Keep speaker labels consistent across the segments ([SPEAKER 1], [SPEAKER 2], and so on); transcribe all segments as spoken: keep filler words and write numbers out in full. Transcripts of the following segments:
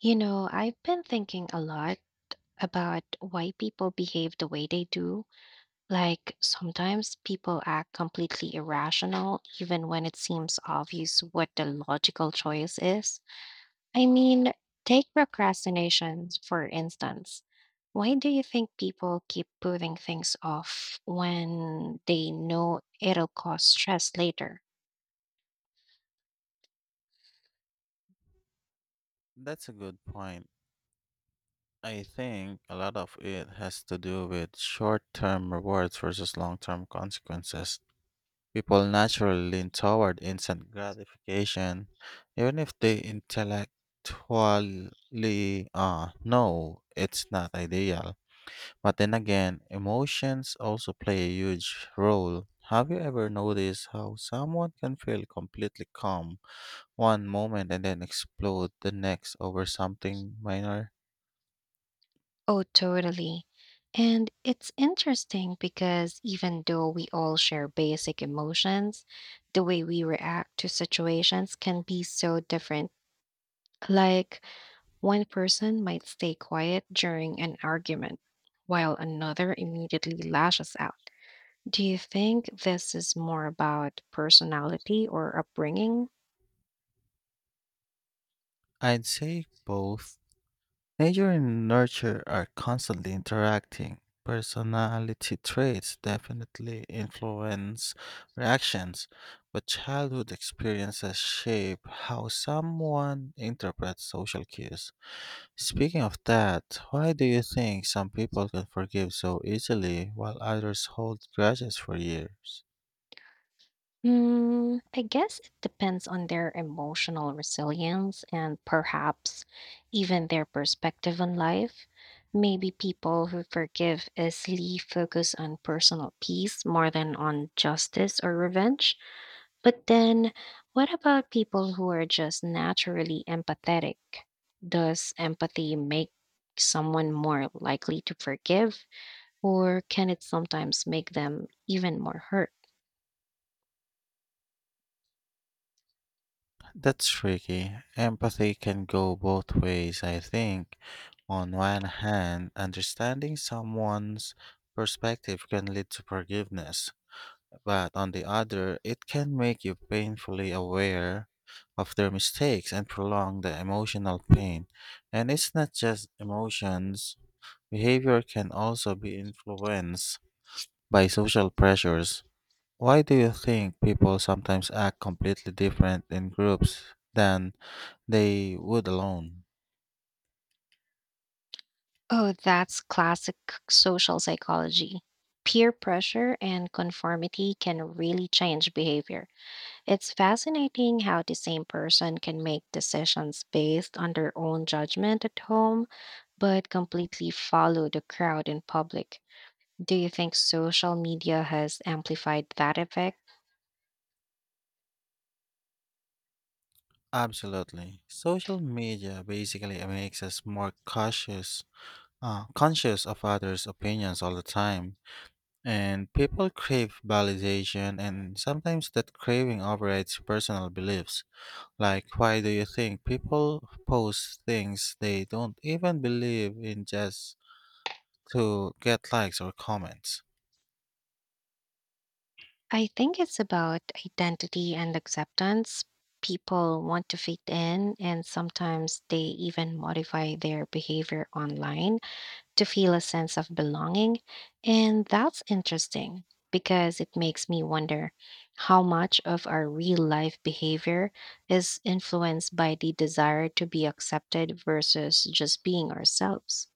[SPEAKER 1] You know, I've been thinking a lot about why people behave the way they do. Like, sometimes people act completely irrational, even when it seems obvious what the logical choice is. I mean, take procrastination, for instance. Why do you think people keep putting things off when they know it'll cause stress later?
[SPEAKER 2] That's a good point. I think a lot of it has to do with short term rewards versus long term consequences. People naturally lean toward instant gratification, even if they intellectually uh, know it's not ideal. But then again, emotions also play a huge role. Have you ever noticed how someone can feel completely calm one moment and then explode the next over something minor?
[SPEAKER 1] Oh, totally. And it's interesting because even though we all share basic emotions, the way we react to situations can be so different. Like, one person might stay quiet during an argument, while another immediately lashes out. Do you think this is more about personality or upbringing?
[SPEAKER 2] I'd say both. Nature and nurture are constantly interacting. Personality traits definitely influence reactions, but childhood experiences shape how someone interprets social cues. Speaking of that, why do you think some people can forgive so easily while others hold grudges for years?
[SPEAKER 1] Hmm. I guess it depends on their emotional resilience and perhaps even their perspective on life. Maybe people who forgive easily focus on personal peace more than on justice or revenge. But then, what about people who are just naturally empathetic? Does empathy make someone more likely to forgive, or can it sometimes make them even more hurt?
[SPEAKER 2] That's tricky. Empathy can go both ways, I think. On one hand, understanding someone's perspective can lead to forgiveness, but on the other, it can make you painfully aware of their mistakes and prolong the emotional pain. And it's not just emotions, behavior can also be influenced by social pressures. Why do you think people sometimes act completely different in groups than they would alone?
[SPEAKER 1] Oh, that's classic social psychology. Peer pressure and conformity can really change behavior. It's fascinating how the same person can make decisions based on their own judgment at home, but completely follow the crowd in public. Do you think social media has amplified that effect?
[SPEAKER 2] Absolutely. Social media basically makes us more cautious, uh, conscious of others' opinions all the time. And people crave validation, and sometimes that craving overrides personal beliefs. Like, why do you think people post things they don't even believe in just to get likes or comments?
[SPEAKER 1] I think it's about identity and acceptance. People want to fit in, and sometimes they even modify their behavior online to feel a sense of belonging. And that's interesting because it makes me wonder how much of our real life behavior is influenced by the desire to be accepted versus just being ourselves.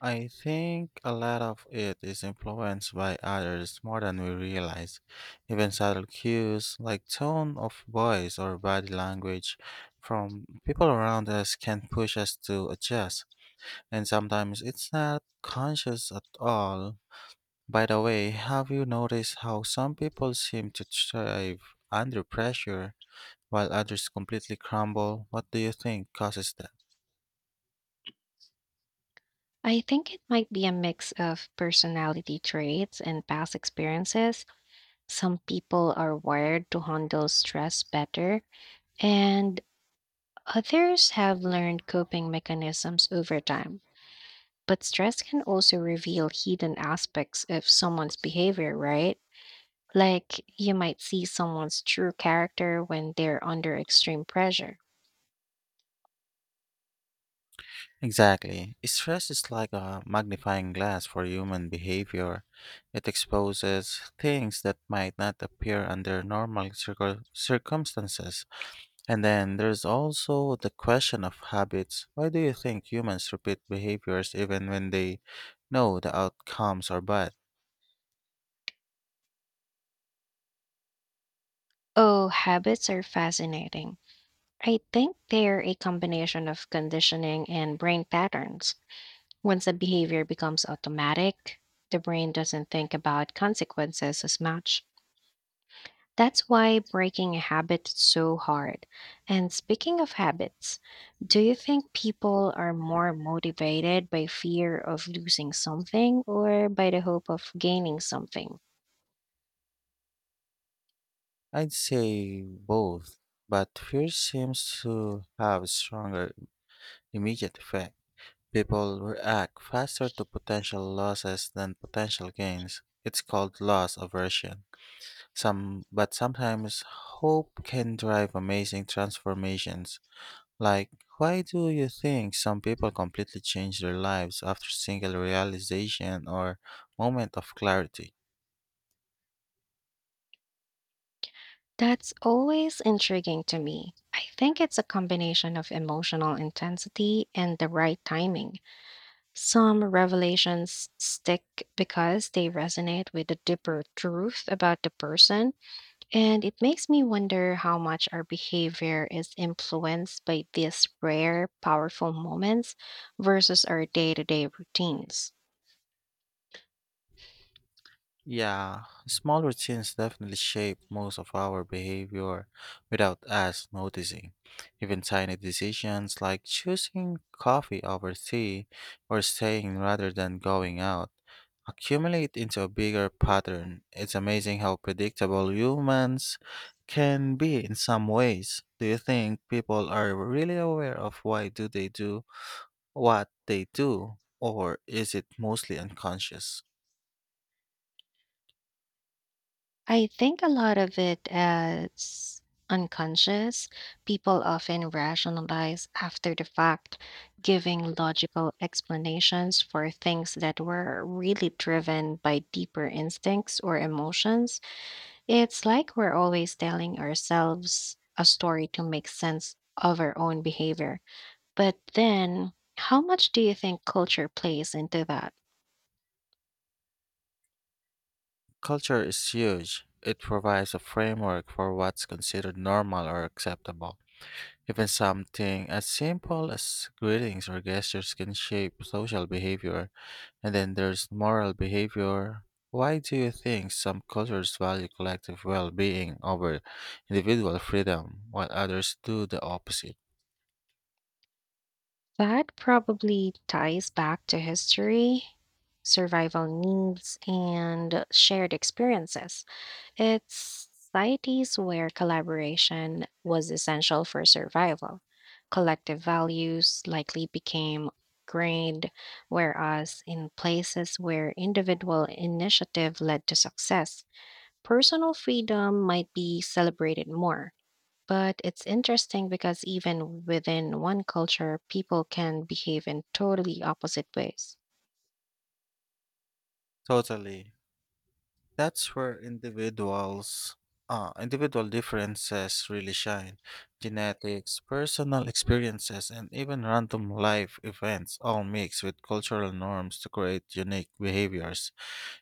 [SPEAKER 2] I think a lot of it is influenced by others more than we realize. Even subtle cues like tone of voice or body language from people around us can push us to adjust, and sometimes it's not conscious at all. By the way, have you noticed how some people seem to thrive under pressure while others completely crumble? What do you think causes that?
[SPEAKER 1] I think it might be a mix of personality traits and past experiences. Some people are wired to handle stress better, and others have learned coping mechanisms over time. But stress can also reveal hidden aspects of someone's behavior, right? Like you might see someone's true character when they're under extreme pressure.
[SPEAKER 2] Exactly. Stress is like a magnifying glass for human behavior. It exposes things that might not appear under normal circum- circumstances. And then there's also the question of habits. Why do you think humans repeat behaviors even when they know the outcomes are bad?
[SPEAKER 1] Oh, habits are fascinating. I think they're a combination of conditioning and brain patterns. Once a behavior becomes automatic, the brain doesn't think about consequences as much. That's why breaking a habit is so hard. And speaking of habits, do you think people are more motivated by fear of losing something or by the hope of gaining something?
[SPEAKER 2] I'd say both, but fear seems to have stronger immediate effect. People react faster to potential losses than potential gains. It's called loss aversion. Some, but sometimes hope can drive amazing transformations. Like, why do you think some people completely change their lives after single realization or moment of clarity?
[SPEAKER 1] That's always intriguing to me. I think it's a combination of emotional intensity and the right timing. Some revelations stick because they resonate with a deeper truth about the person, and it makes me wonder how much our behavior is influenced by these rare, powerful moments versus our day to day routines.
[SPEAKER 2] Yeah, small routines definitely shape most of our behavior without us noticing. Even tiny decisions like choosing coffee over tea or staying rather than going out accumulate into a bigger pattern. It's amazing how predictable humans can be in some ways. Do you think people are really aware of why do they do what they do, or is it mostly unconscious?
[SPEAKER 1] I think a lot of it as unconscious. People often rationalize after the fact, giving logical explanations for things that were really driven by deeper instincts or emotions. It's like we're always telling ourselves a story to make sense of our own behavior. But then, how much do you think culture plays into that?
[SPEAKER 2] Culture is huge. It provides a framework for what's considered normal or acceptable. Even something as simple as greetings or gestures can shape social behavior. And then there's moral behavior. Why do you think some cultures value collective well being over individual freedom, while others do the opposite?
[SPEAKER 1] That probably ties back to history, survival needs, and shared experiences. It's societies where collaboration was essential for survival. Collective values likely became ingrained, whereas in places where individual initiative led to success, personal freedom might be celebrated more. But it's interesting because even within one culture, people can behave in totally opposite ways.
[SPEAKER 2] Totally. That's where individuals, uh, individual differences really shine. Genetics, personal experiences, and even random life events all mix with cultural norms to create unique behaviors.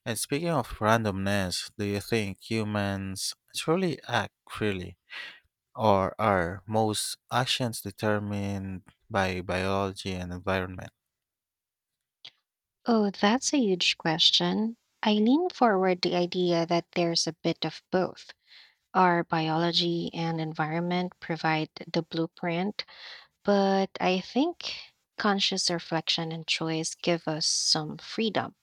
[SPEAKER 2] And speaking of randomness, do you think humans truly act freely? Or are most actions determined by biology and environment?
[SPEAKER 1] Oh, that's a huge question. I lean forward the idea that there's a bit of both. Our biology and environment provide the blueprint, but I think conscious reflection and choice give us some freedom.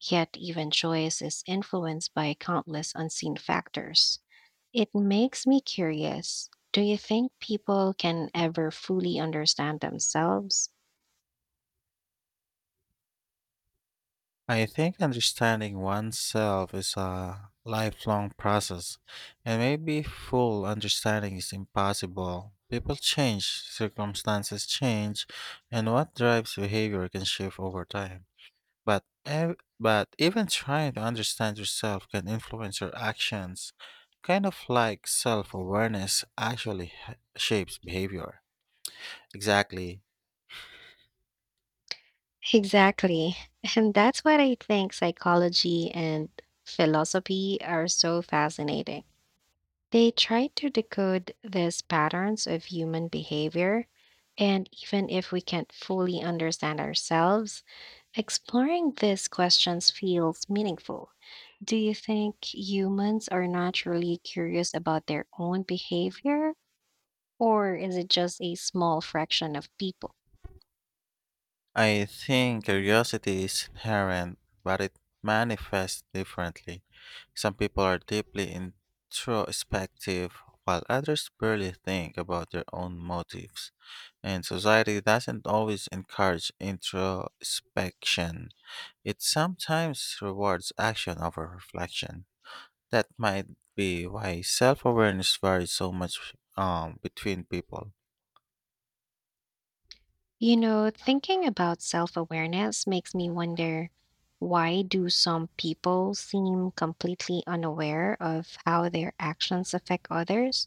[SPEAKER 1] Yet, even choice is influenced by countless unseen factors. It makes me curious. Do you think people can ever fully understand themselves?
[SPEAKER 2] I think understanding oneself is a lifelong process, and maybe full understanding is impossible. People change, circumstances change, and what drives behavior can shift over time. But ev- but even trying to understand yourself can influence your actions, kind of like self-awareness actually h- shapes behavior. Exactly.
[SPEAKER 1] Exactly. And that's what I think psychology and philosophy are so fascinating. They try to decode these patterns of human behavior. And even if we can't fully understand ourselves, exploring these questions feels meaningful. Do you think humans are naturally curious about their own behavior, or is it just a small fraction of people?
[SPEAKER 2] I think curiosity is inherent, but it manifests differently. Some people are deeply introspective, while others barely think about their own motives. And society doesn't always encourage introspection, it sometimes rewards action over reflection. That might be why self awareness varies so much um, between people.
[SPEAKER 1] You know, thinking about self awareness makes me wonder why do some people seem completely unaware of how their actions affect others?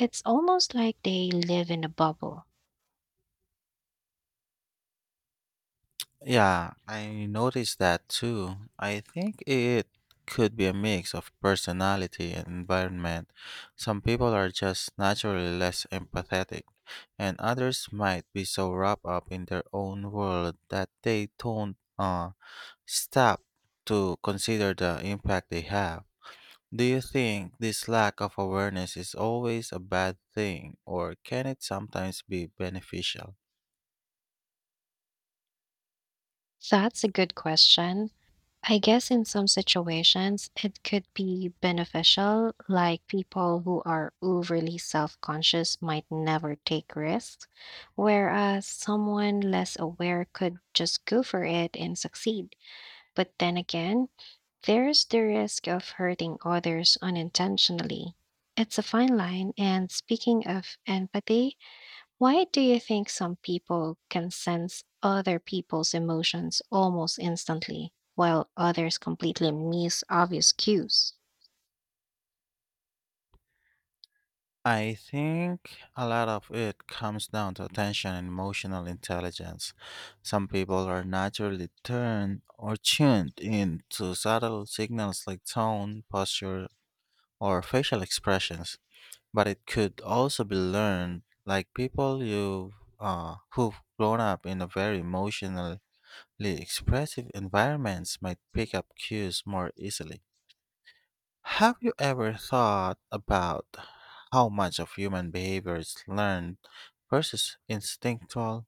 [SPEAKER 1] It's almost like they live in a bubble.
[SPEAKER 2] Yeah, I noticed that too. I think it could be a mix of personality and environment. Some people are just naturally less empathetic, and others might be so wrapped up in their own world that they don't uh, stop to consider the impact they have. Do you think this lack of awareness is always a bad thing, or can it sometimes be beneficial?
[SPEAKER 1] That's a good question. I guess in some situations it could be beneficial, like people who are overly self conscious might never take risks, whereas someone less aware could just go for it and succeed. But then again, there's the risk of hurting others unintentionally. It's a fine line, and speaking of empathy, why do you think some people can sense other people's emotions almost instantly, while others completely miss obvious cues?
[SPEAKER 2] I think a lot of it comes down to attention and emotional intelligence. Some people are naturally turned or tuned in to subtle signals like tone, posture, or facial expressions, but it could also be learned, like people you uh, who've grown up in a very emotionally expressive environments might pick up cues more easily. Have you ever thought about how much of human behavior is learned versus instinctual?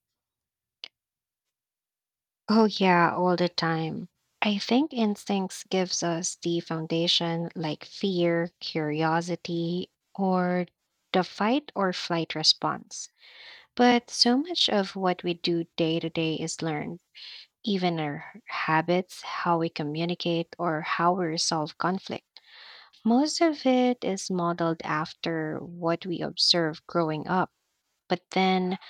[SPEAKER 1] Oh yeah, all the time. I think instincts gives us the foundation like fear, curiosity, or the fight or flight response. But so much of what we do day to day is learned, even our habits, how we communicate, or how we resolve conflict. Most of it is modeled after what we observe growing up. But then,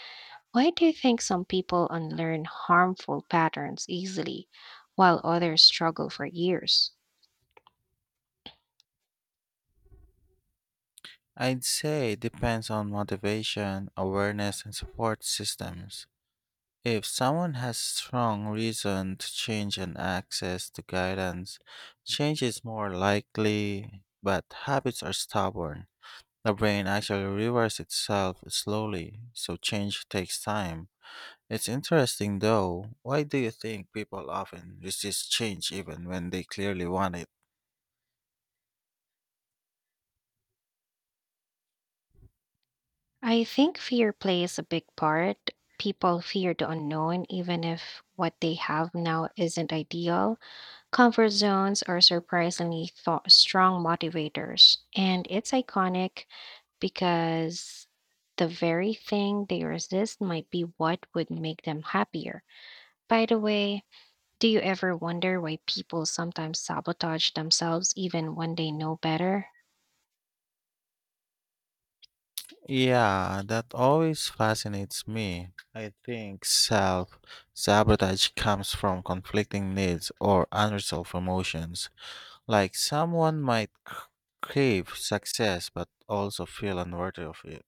[SPEAKER 1] why do you think some people unlearn harmful patterns easily while others struggle for years?
[SPEAKER 2] I'd say it depends on motivation, awareness, and support systems. If someone has strong reason to change and access to guidance, change is more likely, but habits are stubborn. The brain actually rewires itself slowly, so change takes time. It's interesting though. Why do you think people often resist change even when they clearly want it?
[SPEAKER 1] I think fear plays a big part. People fear the unknown, even if what they have now isn't ideal. Comfort zones are surprisingly thought strong motivators, and it's iconic because the very thing they resist might be what would make them happier. By the way, do you ever wonder why people sometimes sabotage themselves even when they know better?
[SPEAKER 2] Yeah, that always fascinates me. I think self sabotage comes from conflicting needs or unresolved emotions. Like someone might c- crave success but also feel unworthy of it.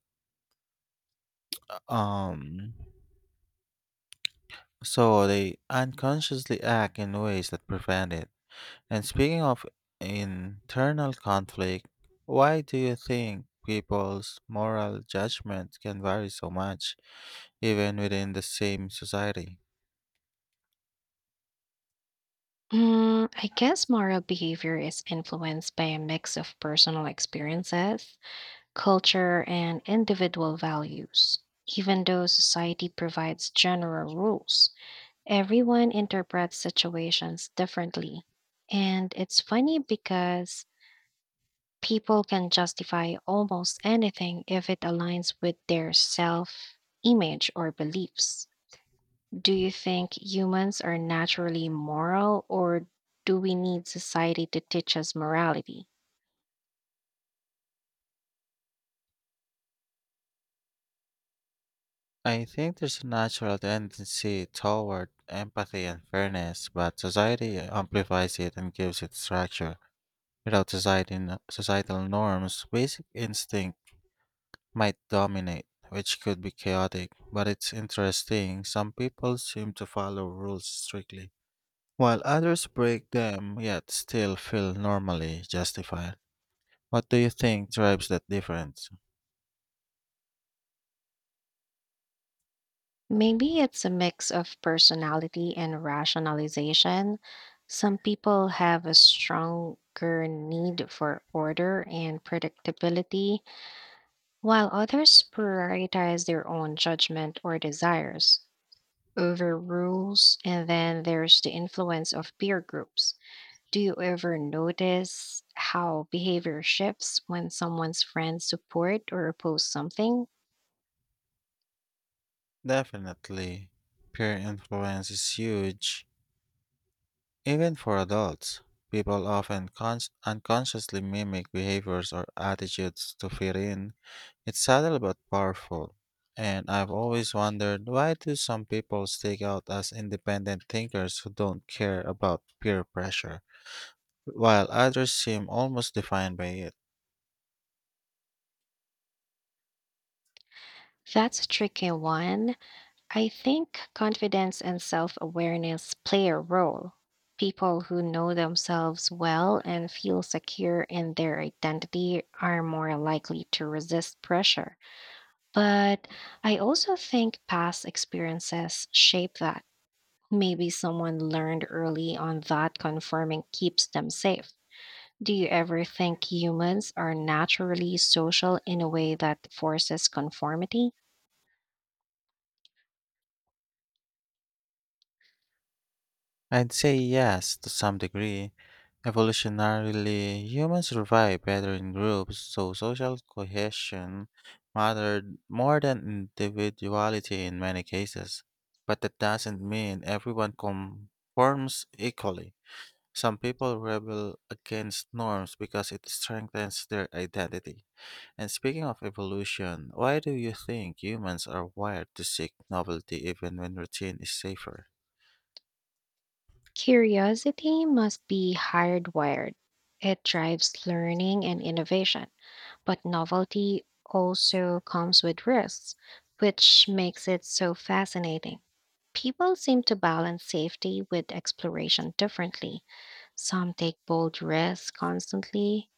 [SPEAKER 2] Um, so they unconsciously act in ways that prevent it. And speaking of internal conflict, why do you think people's moral judgment can vary so much, even within the same society?
[SPEAKER 1] Mm, I guess moral behavior is influenced by a mix of personal experiences, culture, and individual values, even though society provides general rules. Everyone interprets situations differently. And it's funny because people can justify almost anything if it aligns with their self image or beliefs. Do you think humans are naturally moral, or do we need society to teach us morality?
[SPEAKER 2] I think there's a natural tendency toward empathy and fairness, but society amplifies it and gives it structure. Without society, n- societal norms, basic instinct might dominate, which could be chaotic. But it's interesting, some people seem to follow rules strictly while others break them yet still feel normally justified. What do you think drives that difference?
[SPEAKER 1] Maybe it's a mix of personality and rationalization. Some people have a stronger need for order and predictability, while others prioritize their own judgment or desires over rules. And then there's the influence of peer groups. Do you ever notice how behavior shifts when someone's friends support or oppose something?
[SPEAKER 2] Definitely, peer influence is huge, even for adults. People often cons- unconsciously mimic behaviors or attitudes to fit in. It's subtle but powerful. And I've always wondered why do some people stick out as independent thinkers who don't care about peer pressure, while others seem almost defined by it?
[SPEAKER 1] That's a tricky one. I think confidence and self awareness play a role. People who know themselves well and feel secure in their identity are more likely to resist pressure. But I also think past experiences shape that. Maybe someone learned early on that conforming keeps them safe. Do you ever think humans are naturally social in a way that forces conformity?
[SPEAKER 2] I'd say yes, to some degree. Evolutionarily, humans survive better in groups, so social cohesion mattered more than individuality in many cases. But that doesn't mean everyone conforms equally. Some people rebel against norms because it strengthens their identity. And speaking of evolution, why do you think humans are wired to seek novelty even when routine is safer?
[SPEAKER 1] Curiosity must be hardwired. It drives learning and innovation, but novelty also comes with risks, which makes it so fascinating. People seem to balance safety with exploration differently. Some take bold risks constantly,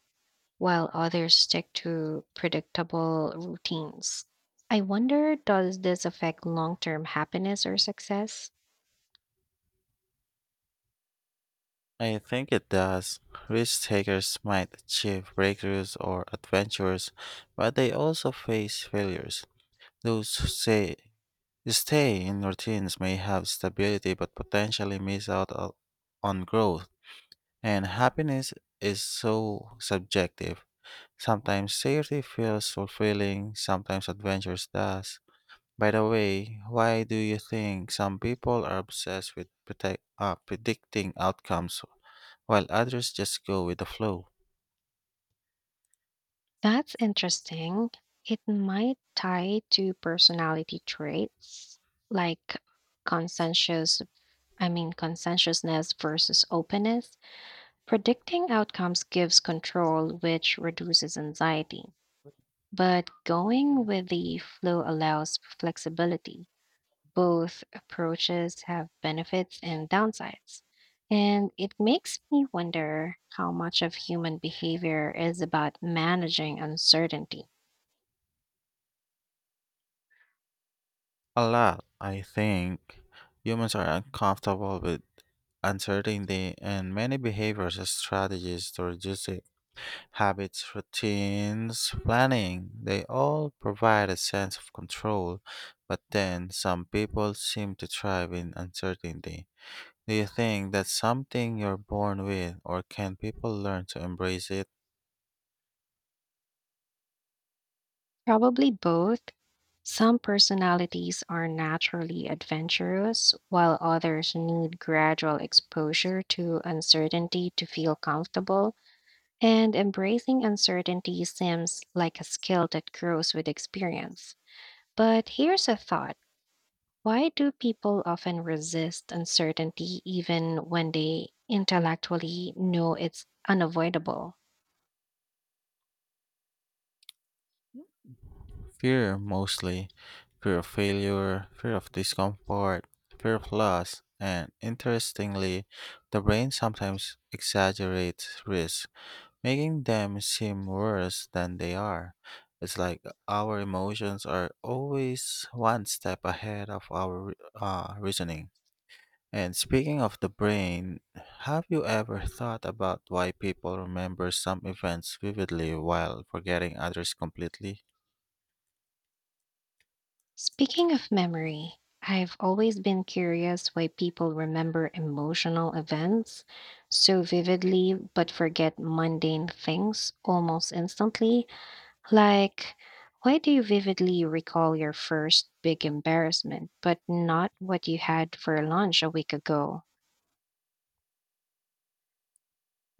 [SPEAKER 1] while others stick to predictable routines. I wonder, does this affect long term happiness or success?
[SPEAKER 2] I think it does. Risk takers might achieve breakthroughs or adventures, but they also face failures. Those who say stay in routines may have stability but potentially miss out o- on growth. And happiness is so subjective. Sometimes safety feels fulfilling, sometimes adventures does. By the way, why do you think some people are obsessed with protect, uh, predicting outcomes while others just go with the flow?
[SPEAKER 1] That's interesting. It might tie to personality traits like consensus, I mean, conscientiousness versus openness. Predicting outcomes gives control, which reduces anxiety, but going with the flow allows flexibility. Both approaches have benefits and downsides. And it makes me wonder how much of human behavior is about managing uncertainty.
[SPEAKER 2] A lot, I think. Humans are uncomfortable with uncertainty, and many behaviors and strategies to reduce it. Habits, routines, planning, they all provide a sense of control, but then some people seem to thrive in uncertainty. Do you think that's something you're born with, or can people learn to embrace it?
[SPEAKER 1] Probably both. Some personalities are naturally adventurous, while others need gradual exposure to uncertainty to feel comfortable, and embracing uncertainty seems like a skill that grows with experience. But here's a thought, why do people often resist uncertainty even when they intellectually know it's unavoidable?
[SPEAKER 2] Fear mostly fear of failure, fear of discomfort, fear of loss, and interestingly, the brain sometimes exaggerates risks, making them seem worse than they are. It's like our emotions are always one step ahead of our uh, reasoning. And speaking of the brain, have you ever thought about why people remember some events vividly while forgetting others completely?
[SPEAKER 1] Speaking of memory, I've always been curious why people remember emotional events so vividly but forget mundane things almost instantly. Like, why do you vividly recall your first big embarrassment but not what you had for lunch a week ago?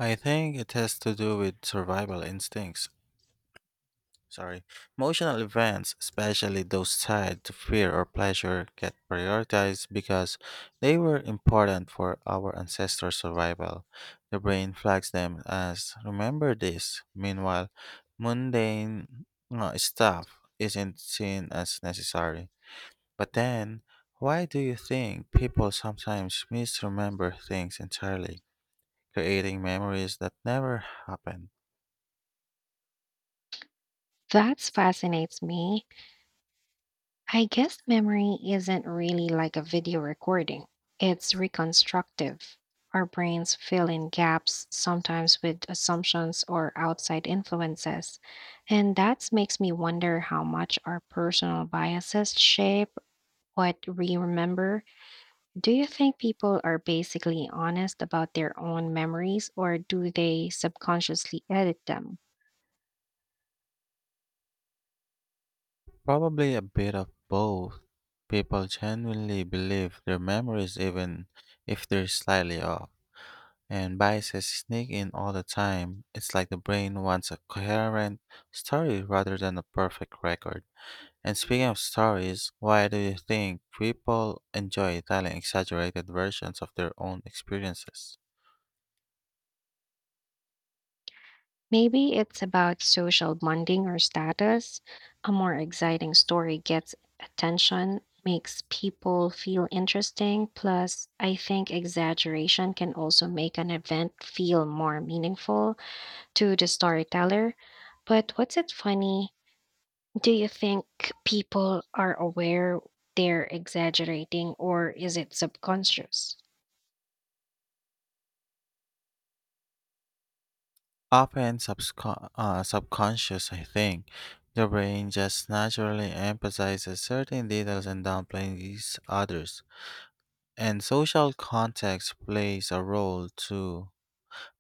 [SPEAKER 2] I think it has to do with survival instincts. Sorry. Emotional events, especially those tied to fear or pleasure, get prioritized because they were important for our ancestors' survival. The brain flags them as remember this. Meanwhile, mundane uh, stuff isn't seen as necessary. But then, why do you think people sometimes misremember things entirely, creating memories that never happened?
[SPEAKER 1] That fascinates me. I guess memory isn't really like a video recording. It's reconstructive. Our brains fill in gaps, sometimes with assumptions or outside influences. And that makes me wonder how much our personal biases shape what we remember. Do you think people are basically honest about their own memories or do they subconsciously edit them?
[SPEAKER 2] Probably a bit of both. People genuinely believe their memories even if they're slightly off, and biases sneak in all the time. It's like the brain wants a coherent story rather than a perfect record. And speaking of stories, why do you think people enjoy telling exaggerated versions of their own experiences?
[SPEAKER 1] Maybe it's about social bonding or status. A more exciting story gets attention, makes people feel interesting. Plus, I think exaggeration can also make an event feel more meaningful to the storyteller. But what's it funny? Do you think people are aware they're exaggerating or is it subconscious?
[SPEAKER 2] Often subcon- uh, subconscious, I think. The brain just naturally emphasizes certain details and downplays others. And social context plays a role too.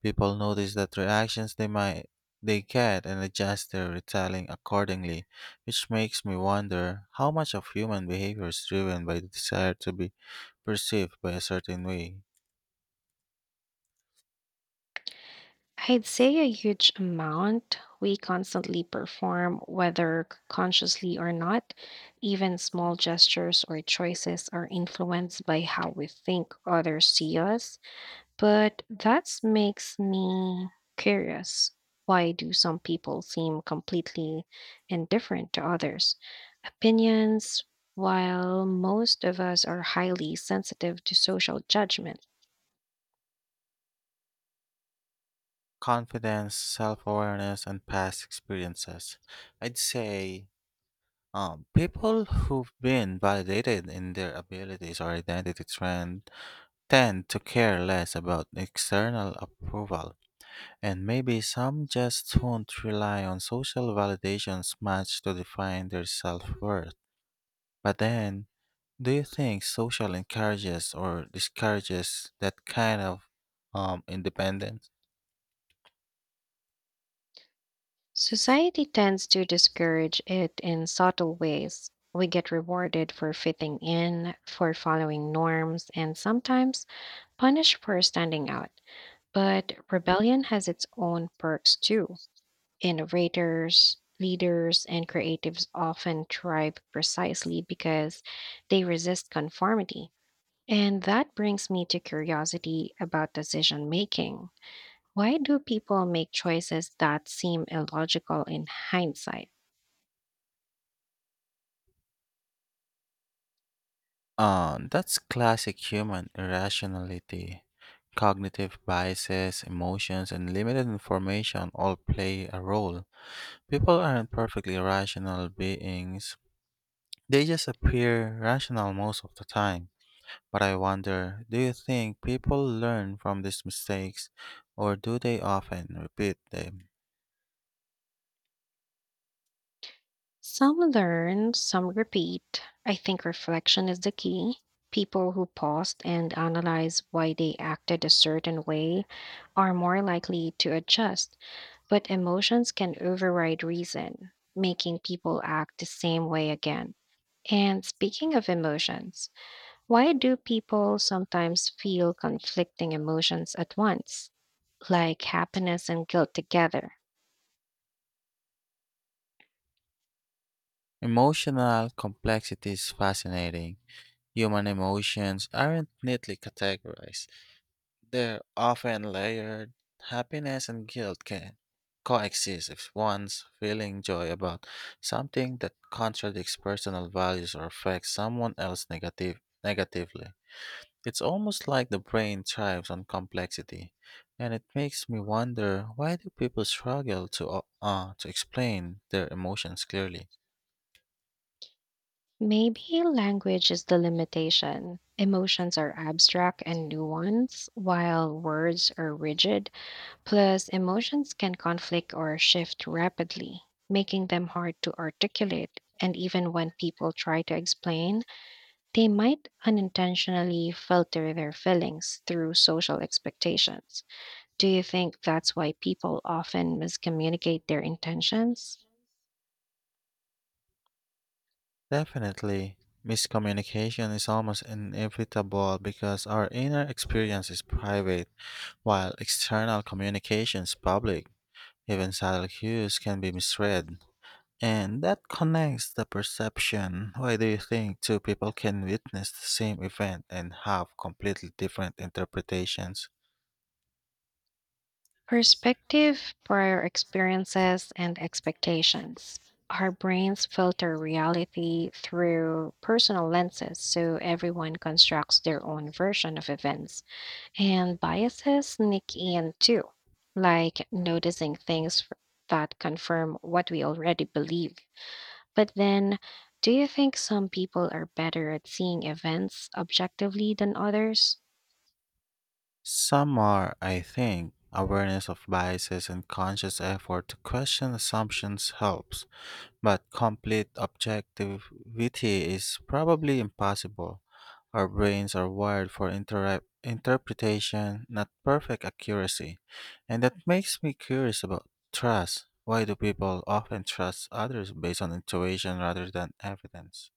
[SPEAKER 2] People notice that reactions they might they get and adjust their retelling accordingly, which makes me wonder how much of human behavior is driven by the desire to be perceived by a certain way.
[SPEAKER 1] I'd say a huge amount. We constantly perform, whether c- consciously or not. Even small gestures or choices are influenced by how we think others see us. But that makes me curious. Why do some people seem completely indifferent to others' opinions, while most of us are highly sensitive to social judgment?
[SPEAKER 2] Confidence, self awareness, and past experiences. I'd say Um, people who've been validated in their abilities or identity trend tend to care less about external approval, and maybe some just won't rely on social validations much to define their self-worth. But then, do you think social encourages or discourages that kind of um, independence?
[SPEAKER 1] Society tends to discourage it in subtle ways. We get rewarded for fitting in, for following norms, and sometimes punished for standing out. But rebellion has its own perks too. Innovators, leaders, and creatives often thrive precisely because they resist conformity. And that brings me to curiosity about decision making. Why do people make choices that seem illogical in hindsight?
[SPEAKER 2] Uh, that's classic human irrationality. Cognitive biases, emotions, and limited information all play a role. People aren't perfectly rational beings, they just appear rational most of the time. But I wonder do you think people learn from these mistakes, or do they often repeat them?
[SPEAKER 1] Some learn, some repeat. I think reflection is the key. People who paused and analyze why they acted a certain way are more likely to adjust, but emotions can override reason, making people act the same way again. And speaking of emotions, why do people sometimes feel conflicting emotions at once, like happiness and guilt together?
[SPEAKER 2] Emotional complexity is fascinating. Human emotions aren't neatly categorized. They're often layered. Happiness and guilt can coexist if one's feeling joy about something that contradicts personal values or affects someone else negative, negatively. It's almost like the brain thrives on complexity, and it makes me wonder why do people struggle to o- uh, to explain their emotions clearly?
[SPEAKER 1] Maybe language is the limitation. Emotions are abstract and nuanced, while words are rigid. Plus, emotions can conflict or shift rapidly, making them hard to articulate. And even when people try to explain, they might unintentionally filter their feelings through social expectations. Do you think that's why people often miscommunicate their intentions?
[SPEAKER 2] Definitely, miscommunication is almost inevitable because our inner experience is private while external communications public, even subtle cues can be misread. And that connects the perception. Why do you think two people can witness the same event and have completely different interpretations?
[SPEAKER 1] Perspective, prior experiences, and expectations. Our brains filter reality through personal lenses, so everyone constructs their own version of events. And biases sneak in too, like noticing things f- that confirm what we already believe. But then, do you think some people are better at seeing events objectively than others?
[SPEAKER 2] Some are, I think, awareness of biases and conscious effort to question assumptions helps. But complete objectivity is probably impossible. Our brains are wired for intera- interpretation, not perfect accuracy. And that makes me curious about trust. Why do people often trust others based on intuition rather than evidence?